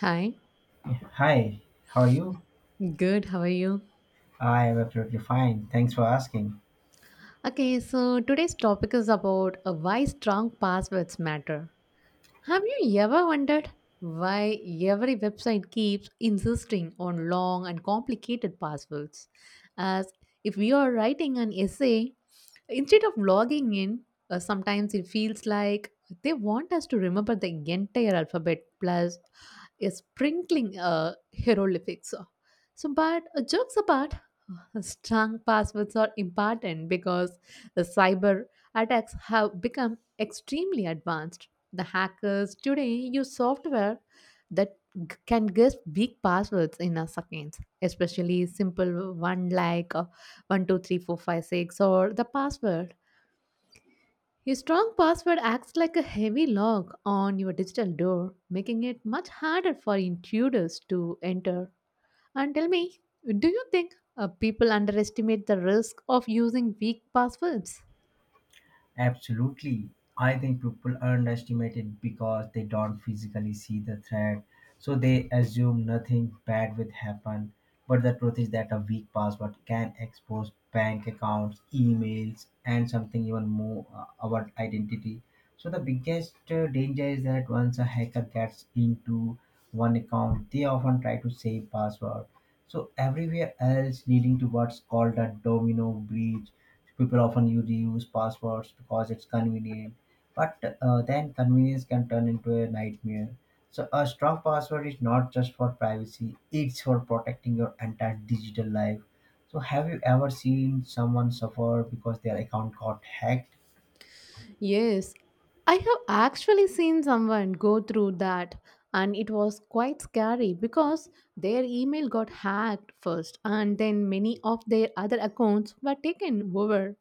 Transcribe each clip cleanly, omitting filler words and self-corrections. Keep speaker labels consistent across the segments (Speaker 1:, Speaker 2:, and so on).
Speaker 1: Hi,
Speaker 2: Hi, how are you?
Speaker 1: good, how are you?
Speaker 2: I am absolutely fine. Thanks for asking.
Speaker 1: Okay, so today's topic is about why strong passwords matter. Have you ever wondered why every website keeps insisting on long and complicated passwords? As if we are writing an essay, instead of logging in, sometimes it feels like they want us to remember the entire alphabet plus a sprinkling hieroglyphics. So, but jokes apart, strong passwords are important because the cyber attacks have become extremely advanced. The hackers today use software that can guess weak passwords in a seconds, especially simple one like 123456 or the password. A strong password acts like a heavy lock on your digital door, making it much harder for intruders to enter. And tell me, do you think people underestimate the risk of using weak passwords?
Speaker 2: Absolutely. I think people underestimate it because they don't physically see the threat. So they assume nothing bad will happen. But the truth is that a weak password can expose bank accounts, emails, and something even more our identity. So the biggest danger is that once a hacker gets into one account, they often try to save password. So everywhere else leading to what's called a domino breach. People often use reuse passwords because it's convenient, but then convenience can turn into a nightmare. So, a strong password is not just for privacy, it's for protecting your entire digital life. So, have you ever seen someone suffer because their account got hacked?
Speaker 1: Yes, I have actually seen someone go through that, and it was quite scary because their email got hacked first, and then many of their other accounts were taken over.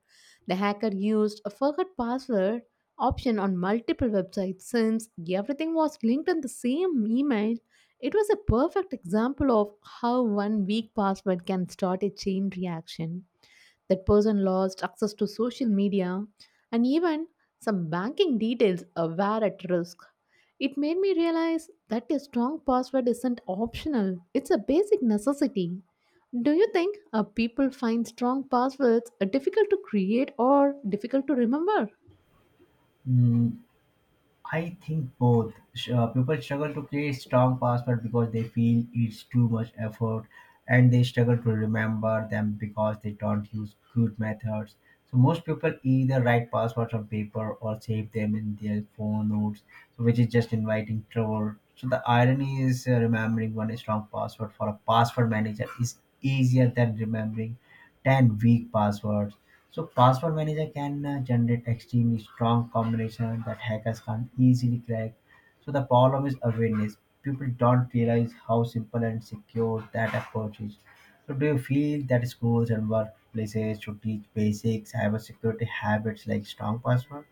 Speaker 1: The hacker used a forgot password option on multiple websites since everything was linked in the same email. It was a perfect example of how one weak password can start a chain reaction. That person lost access to social media and even some banking details were at risk. It made me realize that a strong password isn't optional, it's a basic necessity. Do you think people find strong passwords difficult to create or difficult to remember?
Speaker 2: Mm, I think both. People struggle to create strong password because they feel it's too much effort, and they struggle to remember them because they don't use good methods. So most people either write passwords on paper or save them in their phone notes, so which is just inviting trouble. So the irony is remembering one strong password for a password manager is easier than remembering 10 weak passwords. So password manager can generate extremely strong combination that hackers can't easily crack. So the problem is awareness. People don't realize how simple and secure that approach is. So do you feel that schools and workplaces should teach basic cybersecurity habits like strong password?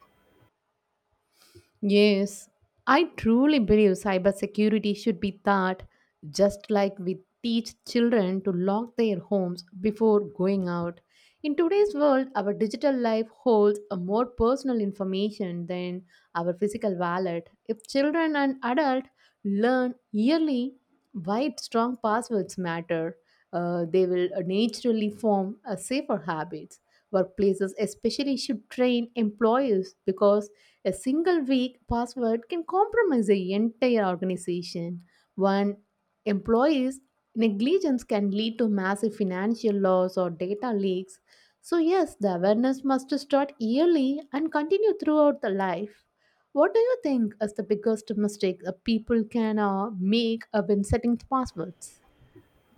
Speaker 1: Yes, I truly believe cybersecurity should be taught just like we teach children to lock their homes before going out. In today's world, our digital life holds a more personal information than our physical wallet. If children and adults learn yearly why strong passwords matter, they will naturally form a safer habits. Workplaces especially should train employees because a single weak password can compromise the entire organization. One employee's negligence can lead to massive financial loss or data leaks. So, yes, the awareness must start early and continue throughout the life. What do you think is the biggest mistake people can make when setting passwords?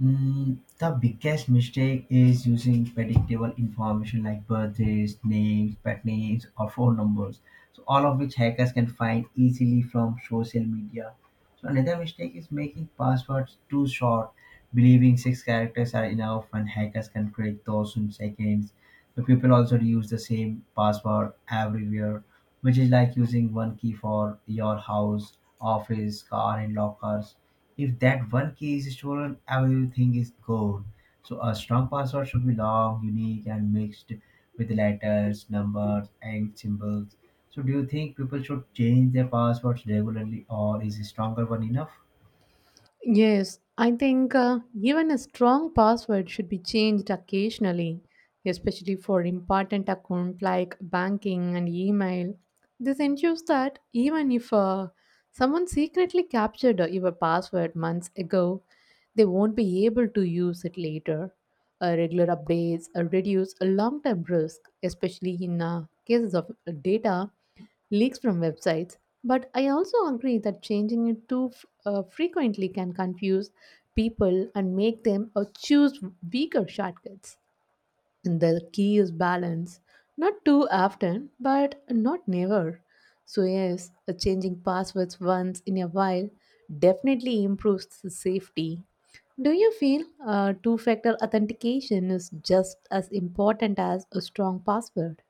Speaker 2: The biggest mistake is using predictable information like birthdays, names, pet names, or phone numbers. So all of which hackers can find easily from social media. So another mistake is making passwords too short, believing six characters are enough, and hackers can create those in seconds. So people also use the same password everywhere, which is like using one key for your house, office, car, and lockers. If that one key is stolen, everything is gone. So a strong password should be long, unique, and mixed with letters, numbers, and symbols. So do you think people should change their passwords regularly, or is a stronger one enough?
Speaker 1: Yes, I think even a strong password should be changed occasionally, especially for important accounts like banking and email. This ensures that even if someone secretly captured your password months ago, they won't be able to use it later. Regular updates reduce a long term risk, especially in cases of data leaks from websites. But I also agree that changing it too frequently can confuse people and make them choose weaker shortcuts. And the key is balance, not too often, but not never. So, yes, a changing passwords once in a while definitely improves the safety. Do you feel two factor authentication is just as important as a strong password?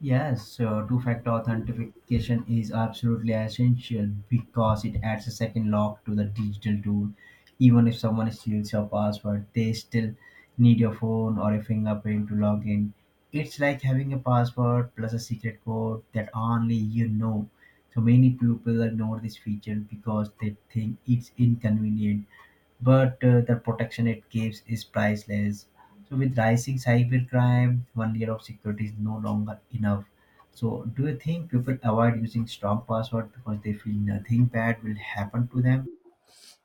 Speaker 2: Yes, so two-factor authentication is absolutely essential because it adds a second lock to the digital tool. Even if someone steals your password, they still need your phone or a fingerprint to log in. It's like having a password plus a secret code that only you know. So many people ignore this feature because they think it's inconvenient but the protection it gives is priceless. So, with rising cybercrime, one layer of security is no longer enough. So, do you think people avoid using strong password because they feel nothing bad will happen to them?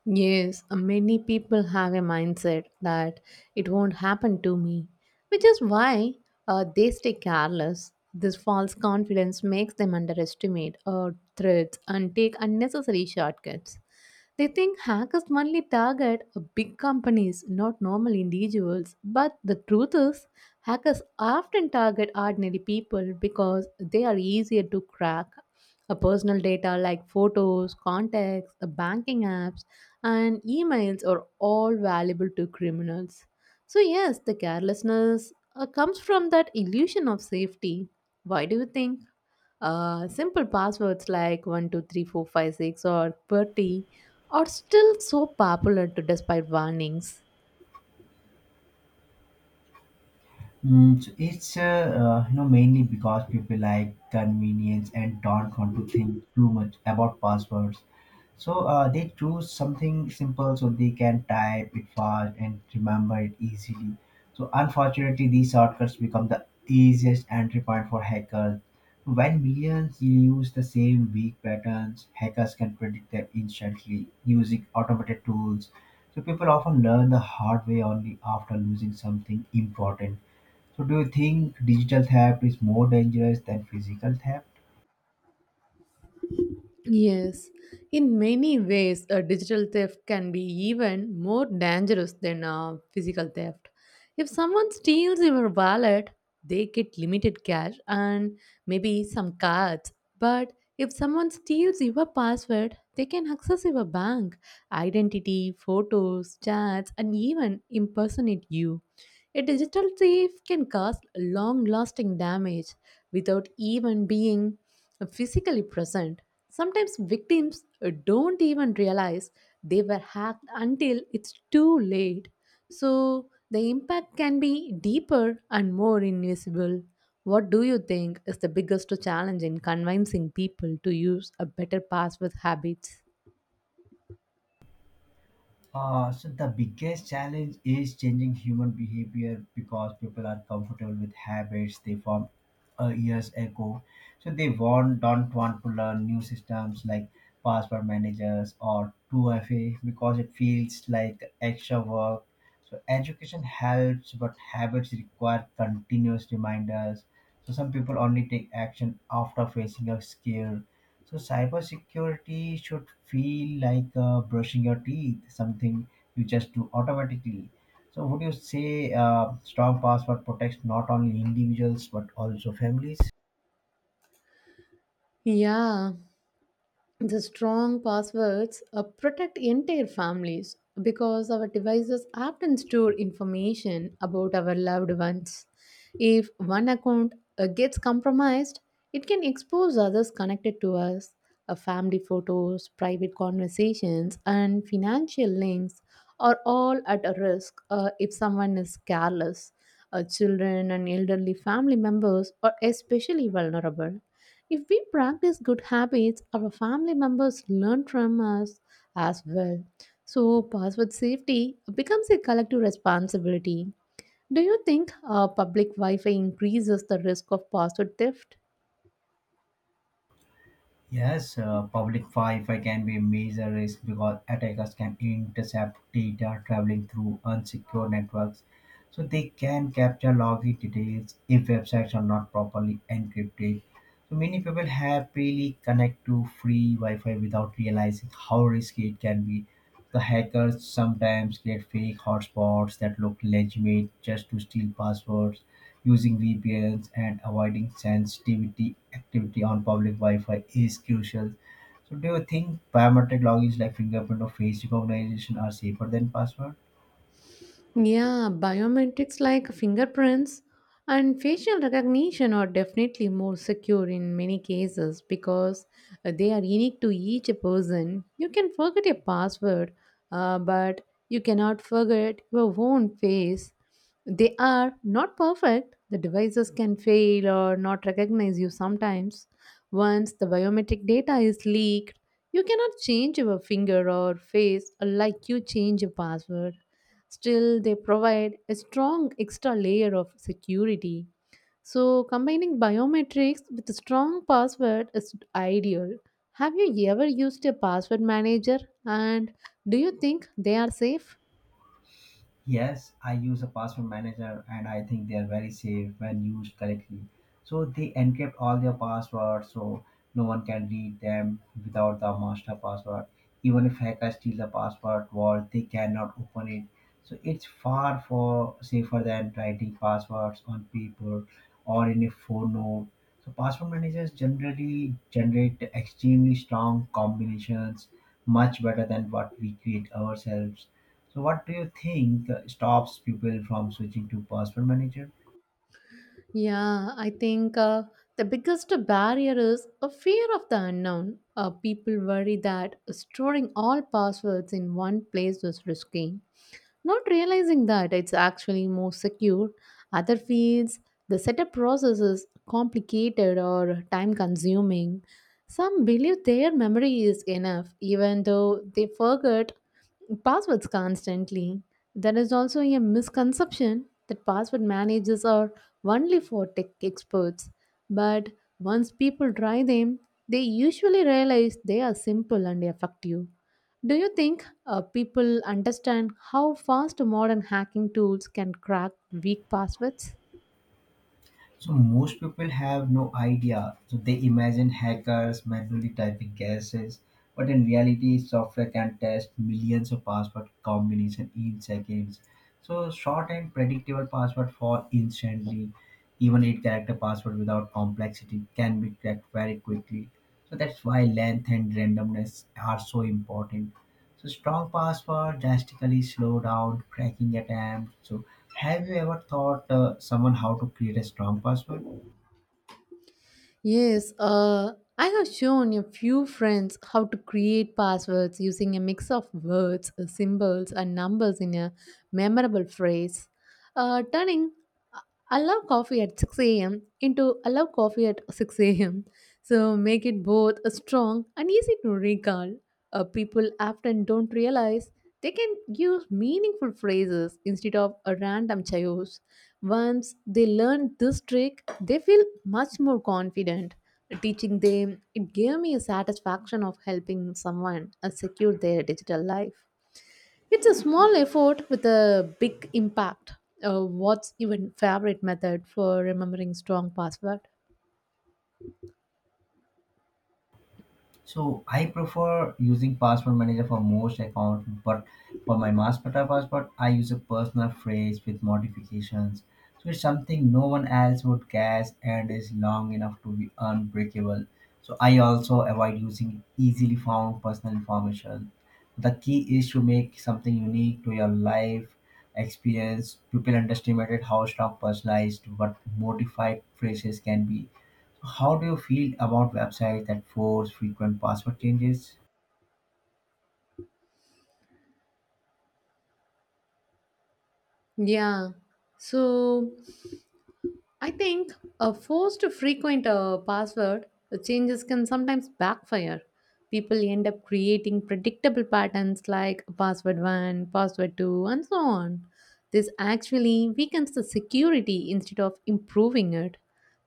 Speaker 1: Yes, many people have a mindset that it won't happen to me, which is why they stay careless. This false confidence makes them underestimate threats and take unnecessary shortcuts. They think hackers only target big companies, not normal individuals. But the truth is, hackers often target ordinary people because they are easier to crack. Personal data like photos, contacts, banking apps, and emails are all valuable to criminals. So, yes, the carelessness comes from that illusion of safety. Why do you think? Simple passwords like 123456 or 30 are still so popular to despite warnings.
Speaker 2: So it's mainly because people like convenience and don't want to think too much about passwords. So they choose something simple so they can type it fast and remember it easily. So unfortunately, these shortcuts become the easiest entry point for hackers. When millions use the same weak patterns, hackers can predict them instantly using automated tools. So people often learn the hard way only after losing something important. So do you think digital theft is more dangerous than physical theft?
Speaker 1: Yes, in many ways, a digital theft can be even more dangerous than a physical theft. If someone steals your wallet, they get limited cash and maybe some cards. But if someone steals your password, they can access your bank, identity, photos, chats, and even impersonate you. A digital thief can cause long lasting damage without even being physically present. Sometimes victims don't even realize they were hacked until it's too late. So the impact can be deeper and more invisible. What do you think is the biggest challenge in convincing people to use a better password habits?
Speaker 2: So the biggest challenge is changing human behavior because people are comfortable with habits they formed years ago. So they want don't want to learn new systems like password managers or 2FA because it feels like extra work. So education helps, but habits require continuous reminders. So some people only take action after facing a scare. So cybersecurity should feel like brushing your teeth, something you just do automatically. So would you say strong password protects not only individuals but also families?
Speaker 1: Yeah, the strong passwords protect entire families because our devices often store information about our loved ones. If one account gets compromised, it can expose others connected to us. Family photos, private conversations, and financial links are all at a risk if someone is careless. Children and elderly family members are especially vulnerable. If we practice good habits, our family members learn from us as well. So, password safety becomes a collective responsibility. Do you think public Wi Fi increases the risk of password theft?
Speaker 2: Yes, public Wi-Fi can be a major risk because attackers can intercept data traveling through unsecure networks. So they can capture login details if websites are not properly encrypted. So many people happily connect to free Wi-Fi without realizing how risky it can be. The hackers sometimes create fake hotspots that look legitimate just to steal passwords. Using VPNs and avoiding sensitivity activity on public Wi-Fi is crucial. So, do you think biometric logins like fingerprint or face recognition are safer than password?
Speaker 1: Yeah, biometrics like fingerprints and facial recognition are definitely more secure in many cases because they are unique to each person. You can forget your password, but you cannot forget your own face. They are not perfect. The devices can fail or not recognize you sometimes. Once the biometric data is leaked, you cannot change your finger or face like you change your password. Still, they provide a strong extra layer of security. So, combining biometrics with a strong password is ideal. Have you ever used a password manager and do you think they are safe?
Speaker 2: Yes, I use a password manager and I think they are very safe when used correctly. So they encrypt all their passwords so no one can read them without the master password. Even if hackers steal the password vault, they cannot open it. So it's far for safer than writing passwords on paper or in a phone note. So password managers generally generate extremely strong combinations, much better than what we create ourselves. So what do you think stops people from switching to password manager?
Speaker 1: Yeah, I think the biggest barrier is a fear of the unknown. People worry that storing all passwords in one place is risky. Not realizing that it's actually more secure, other fields, the setup process is complicated or time consuming. Some believe their memory is enough, even though they forget passwords constantly. There is also a misconception that password managers are only for tech experts. But once people try them, they usually realize they are simple and effective. Do you think people understand how fast modern hacking tools can crack weak passwords?
Speaker 2: So most people have no idea. So they imagine hackers manually typing guesses, but in reality, software can test millions of password combinations in seconds. So short and predictable password fall instantly, even eight character password without complexity can be cracked very quickly. So that's why length and randomness are so important. So strong password drastically slow down cracking attempt. So have you ever taught someone how to create a strong password?
Speaker 1: Yes, I have shown a few friends how to create passwords using a mix of words, symbols, and numbers in a memorable phrase. Turning uh, I love coffee at 6 a.m. into I love coffee at 6 a.m. So make it both strong and easy to recall. People often don't realize they can use meaningful phrases instead of a random chaos. Once they learn this trick, they feel much more confident. Teaching them, it gave me a satisfaction of helping someone secure their digital life. It's a small effort with a big impact. What's your favorite method for remembering strong password?
Speaker 2: So I prefer using password manager for most accounts, but for my master password, I use a personal phrase with modifications. So it's something no one else would guess and is long enough to be unbreakable. So I also avoid using easily found personal information. The key is to make something unique to your life experience. People underestimated how strong personalized but modified phrases can be. How do you feel about websites that force frequent password changes?
Speaker 1: Yeah. So I think a forced frequent password changes can sometimes backfire. People end up creating predictable patterns like password 1, password 2, and so on. This actually weakens the security instead of improving it.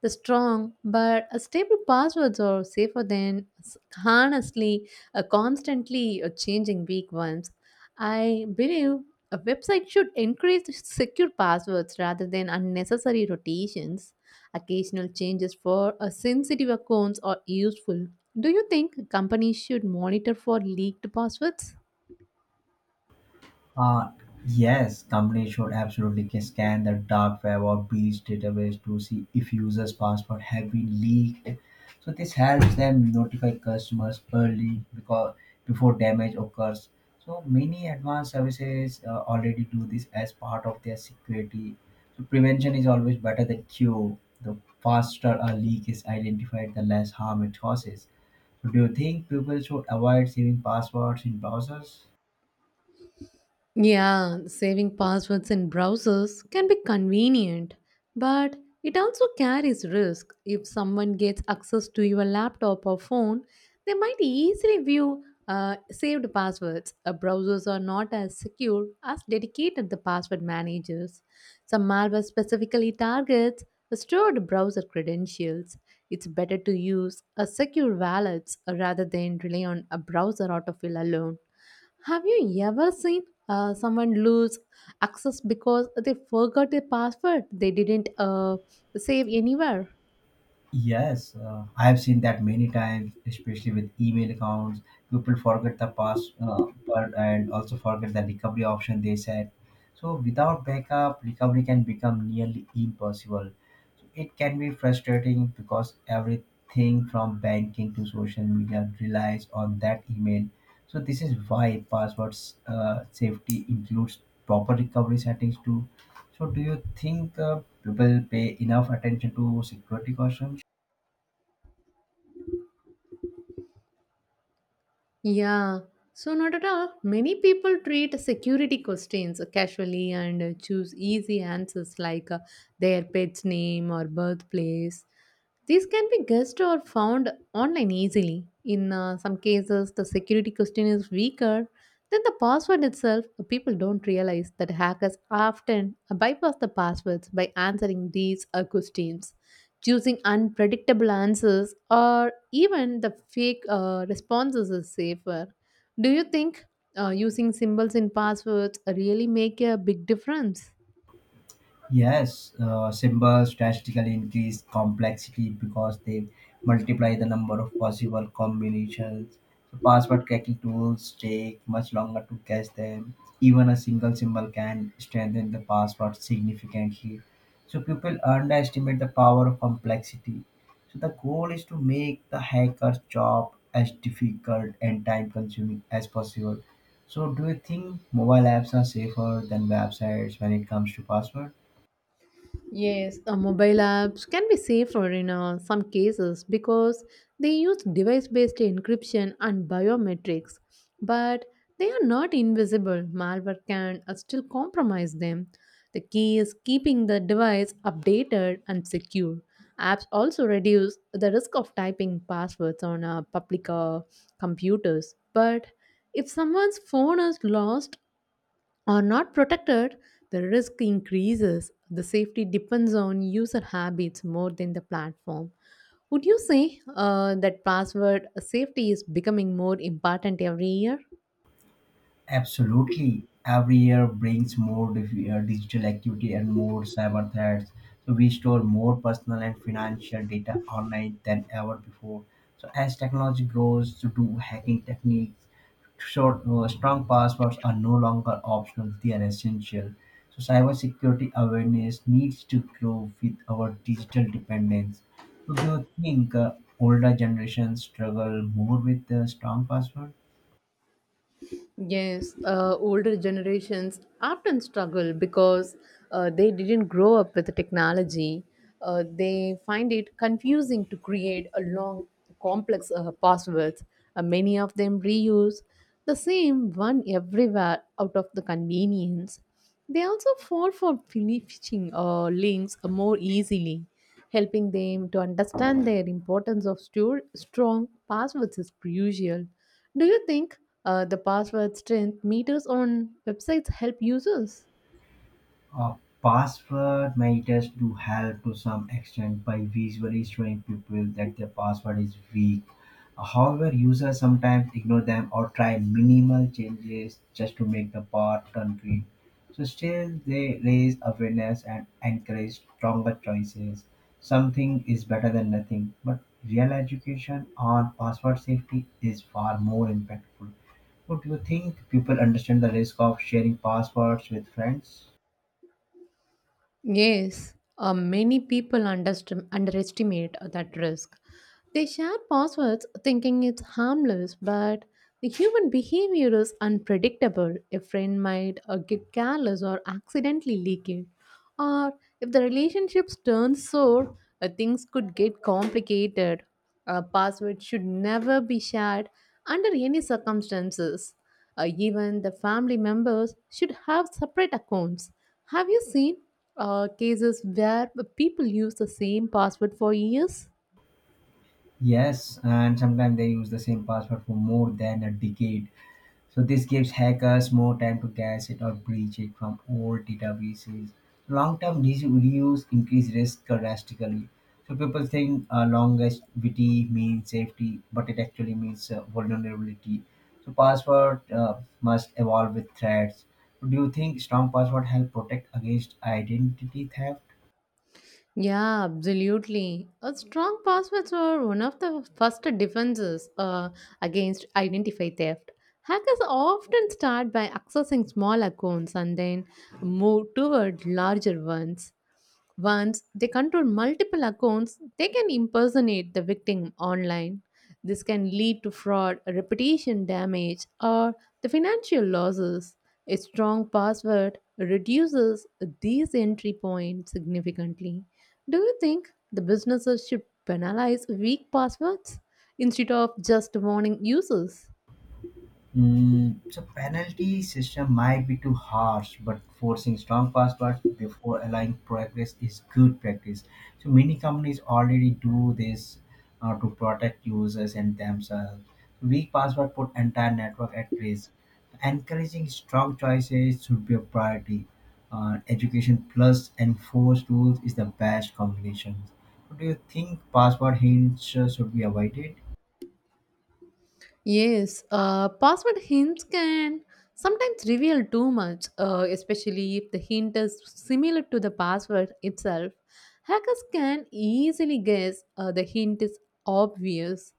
Speaker 1: The strong but a stable passwords are safer than honestly a constantly changing weak ones. I believe a website should encourage secure passwords rather than unnecessary rotations. Occasional changes for a sensitive accounts are useful. Do you think companies should monitor for leaked passwords?
Speaker 2: Uh, yes, companies should absolutely scan the dark web or breach database to see if users' password have been leaked. So this helps them notify customers early because before damage occurs. So many advanced services already do this as part of their security. So prevention is always better than cure. The faster a leak is identified, the less harm it causes. Do you think people should avoid saving passwords in browsers?
Speaker 1: Yeah, saving passwords in browsers can be convenient, but it also carries risk. If someone gets access to your laptop or phone, they might easily view saved passwords. Browsers are not as secure as dedicated the password managers. Some malware specifically targets stored browser credentials. It's better to use a secure wallets rather than rely on a browser autofill alone. Have you ever seen someone lose access because they forgot a password they didn't save anywhere?
Speaker 2: Yes, I have seen that many times, especially with email accounts. People forget the password and also forget the recovery option they set. So, without backup, recovery can become nearly impossible. So it can be frustrating because everything from banking to social media relies on that email. So, this is why password safety includes proper recovery settings too. So, do you think people pay enough attention to security cautions?
Speaker 1: Yeah, so not at all. Many people treat security questions casually and choose easy answers like their pet's name or birthplace. These can be guessed or found online easily. In some cases, the security question is weaker than the password itself. People don't realize that hackers often bypass the passwords by answering these questions. Choosing unpredictable answers or even the fake responses is safer. Do you think using symbols in passwords really make a big difference?
Speaker 2: Yes, symbols drastically increase complexity because they multiply the number of possible combinations. So password cracking tools take much longer to guess them. Even a single symbol can strengthen the password significantly. So people underestimate the power of complexity. So the goal is to make the hacker's job as difficult and time-consuming as possible. So do you think mobile apps are safer than websites when it comes to password?
Speaker 1: Yes, mobile apps can be safer in some cases because they use device based encryption and biometrics, but they are not invisible. Malware can still compromise them. The key is keeping the device updated and secure. Apps also reduce the risk of typing passwords on public computers, but if someone's phone is lost are not protected, the risk increases. The safety depends on user habits more than the platform. Would you say that password safety is becoming more important every year?
Speaker 2: Absolutely. Every year brings more digital activity and more cyber threats. So we store more personal and financial data online than ever before. So as technology grows, so do hacking techniques. Strong passwords are no longer optional; they are essential. So cybersecurity awareness needs to grow with our digital dependence. So do you think older generations struggle more with strong passwords?
Speaker 1: Yes, older generations often struggle because they didn't grow up with the technology. They find it confusing to create a long, complex passwords. Many of them reuse the same one everywhere out of the convenience. They also fall for phishing links more easily. Helping them to understand their importance of strong passwords is crucial. Do you think the password strength meters on websites help users?
Speaker 2: Uh, password managers do help to some extent by visually showing people that their password is weak. However, users sometimes ignore them or try minimal changes just to make the pattern green. So, still, they raise awareness and encourage stronger choices. Something is better than nothing, but real education on password safety is far more impactful. What do you think? People understand the risk of sharing passwords with friends?
Speaker 1: Yes, many people underestimate that risk. They share passwords thinking it's harmless, but the human behavior is unpredictable. A friend might get careless or accidentally leak it. Or if the relationship turns sour, things could get complicated. A password should never be shared under any circumstances. Even the family members should have separate accounts. Have you seen cases where people use the same password for years?
Speaker 2: Yes, and sometimes they use the same password for more than a decade. So this gives hackers more time to guess it or breach it from old databases. Long-term reuse increase risk drastically. So people think longevity means safety, but it actually means vulnerability. So password must evolve with threats. Do you think strong password help protect against identity theft?
Speaker 1: Yeah, absolutely. A strong passwords are one of the first defenses against identity theft. Hackers often start by accessing small accounts and then move toward larger ones. Once they control multiple accounts, they can impersonate the victim online. This can lead to fraud, reputation damage, or the financial losses. A strong password reduces these entry points significantly. Do you think the businesses should penalize weak passwords instead of just warning users?
Speaker 2: So penalty system might be too harsh, but forcing strong passwords before allowing progress is good practice. So many companies already do this to protect users and themselves. Weak password put entire network at risk. Encouraging strong choices should be a priority. Education plus enforced rules is the best combination. Do you think password hints should be avoided?
Speaker 1: Yes, password hints can sometimes reveal too much, especially if the hint is similar to the password itself. Hackers can easily guess the hint is obvious.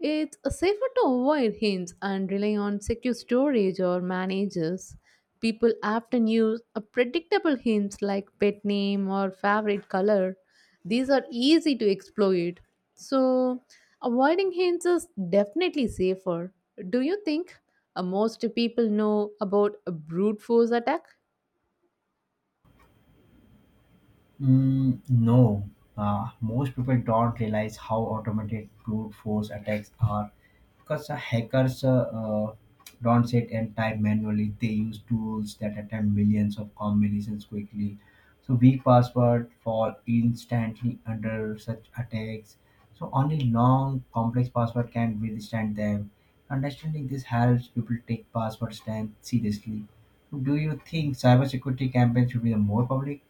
Speaker 1: It's safer to avoid hints and rely on secure storage or managers. People often use a predictable hints like pet name or favorite color these are easy to exploit. So, avoiding hints is definitely safer. Do you think most people know about a brute force attack?
Speaker 2: No, most people don't realize how automated brute force attacks are because hackers don't sit and type manually. They use tools that attempt millions of combinations quickly. So weak passwords fall instantly under such attacks. So only long, complex password can withstand them. Understanding this helps people take password strength seriously. Do you think cybersecurity campaigns should be more public?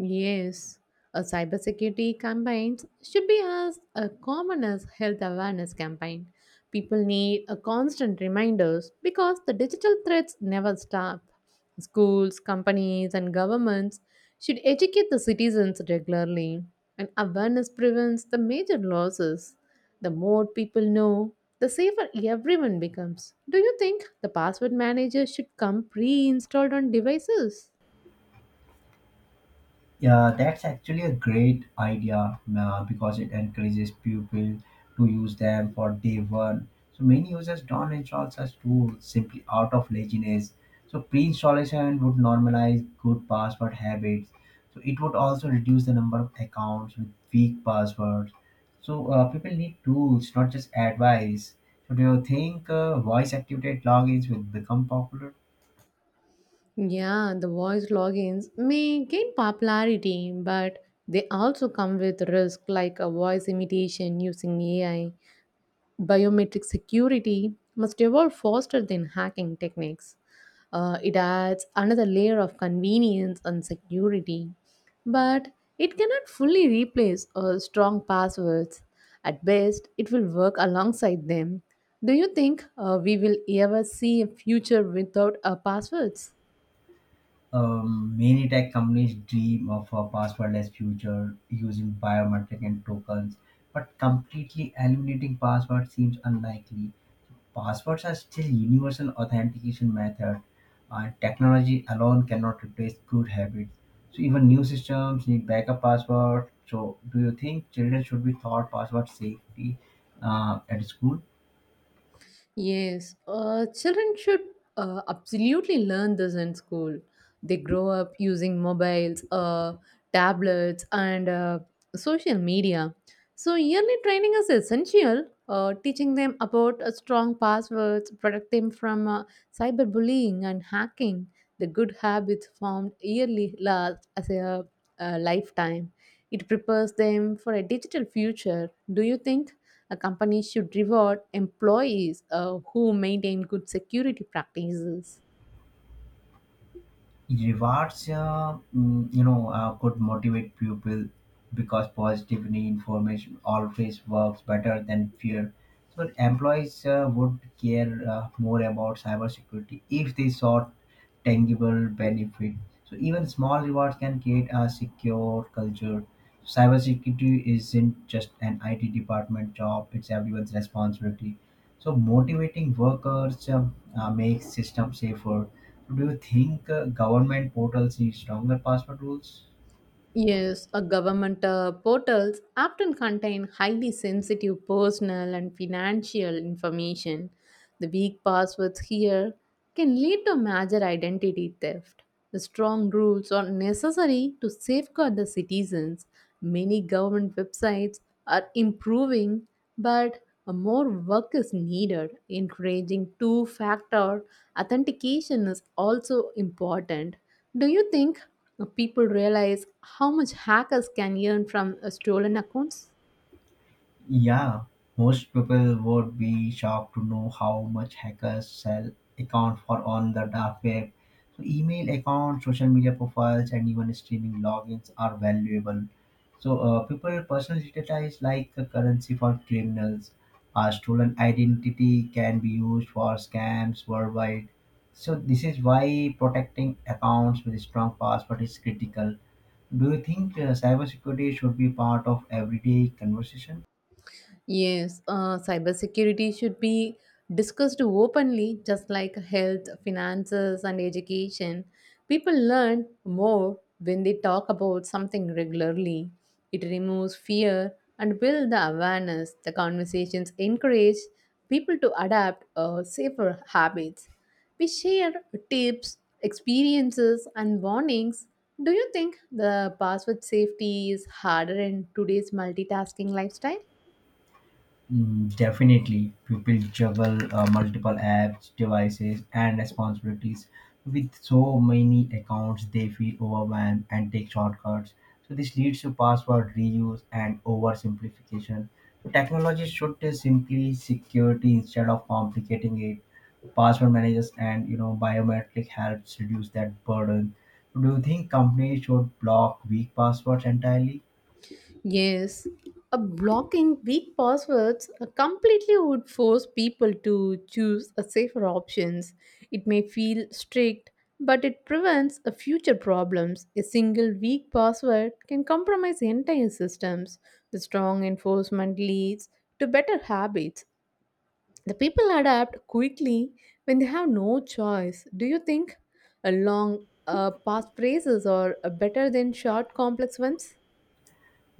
Speaker 1: Yes, a cybersecurity campaigns should be as a common as health awareness campaign. People need a constant reminders because the digital threats never stop. Schools, companies, and governments should educate the citizens regularly, and awareness prevents the major losses. The more people know, the safer everyone becomes. Do you think the password manager should come pre-installed on devices?
Speaker 2: Yeah, that's actually a great idea because it encourages people to use them for day one. So many users don't install such tools simply out of laziness. So pre-installation would normalize good password habits. So it would also reduce the number of accounts with weak passwords. So people need tools, not just advice. So do you think voice-activated logins will become popular?
Speaker 1: Yeah, the voice logins may gain popularity, but they also come with risk like a voice imitation using AI. Biometric security must evolve faster than hacking techniques. It adds another layer of convenience and security, but it cannot fully replace strong passwords. At best, it will work alongside them. Do you think we will ever see a future without passwords?
Speaker 2: Many tech companies dream of a passwordless future using biometric and tokens, but completely eliminating passwords seems unlikely. Passwords are still universal authentication method, and technology alone cannot replace good habits. So even new systems need backup password. So do you think children should be taught password safety at school?
Speaker 1: Yes, children should absolutely learn this in school. They grow up using mobiles, tablets, and social media. So, yearly training is essential. Teaching them about strong passwords, protect them from cyberbullying and hacking. The good habits formed yearly last as a lifetime. It prepares them for a digital future. Do you think? A company should reward employees who maintain good security practices.
Speaker 2: Rewards, could motivate people because positive reinformation always works better than fear. So employees would care more about cybersecurity if they saw tangible benefit. So even small rewards can create a secure culture. Cybersecurity isn't just an IT department job; it's everyone's responsibility. So motivating workers makes system safer. So, do you think government portals need stronger password rules?
Speaker 1: Yes, a government portals often contain highly sensitive personal and financial information. The weak passwords here can lead to major identity theft. The strong rules are necessary to safeguard the citizens. Many government websites are improving, but more work is needed. Encouraging two factor authentication is also important. Do you think people realize how much hackers can earn from stolen accounts?
Speaker 2: Yeah, most people would be shocked to know how much hackers sell accounts for on the dark web. So email accounts, social media profiles, and even streaming logins are valuable. So people personal data is like a currency for criminals. A stolen identity can be used for scams worldwide. So this is why protecting accounts with strong password is critical. Do you think cybersecurity should be part of everyday conversation?
Speaker 1: Yes, cybersecurity should be discussed openly, just like health, finances, and education. People learn more when they talk about something regularly. It removes fear and builds the awareness. The conversations encourage people to adapt safer habits. We share tips, experiences, and warnings. Do you think the password safety is harder in today's multitasking lifestyle?
Speaker 2: Definitely, people juggle multiple apps, devices, and responsibilities. With so many accounts, they feel overwhelmed and take shortcuts. So this leads to password reuse and oversimplification. So technology should simply security instead of complicating it. Password managers and biometric helps reduce that burden. Do you think companies should block weak passwords entirely?
Speaker 1: Yes, a blocking weak passwords completely would force people to choose a safer options. It may feel strict, but it prevents a future problems. A single weak password can compromise entire systems. The strong enforcement leads to better habits. The people adapt quickly when they have no choice. Do you think a long past phrases are better than short complex ones?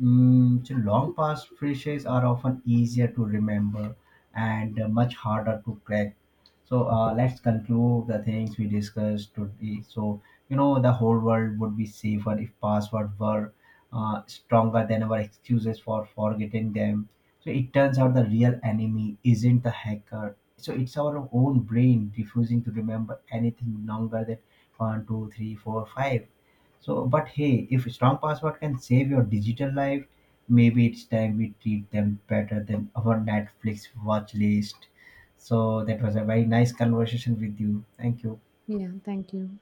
Speaker 2: So long pass phrases are often easier to remember and much harder to crack. So let's conclude the things we discussed today. So the whole world would be safer if passwords were stronger than our excuses for forgetting them. So it turns out the real enemy isn't the hacker. So it's our own brain refusing to remember anything longer than one, two, three, four, five. So, but hey, if strong password can save your digital life, maybe it's time we treat them better than our Netflix watch list. So that was a very nice conversation with you. Thank you.
Speaker 1: Yeah, thank you.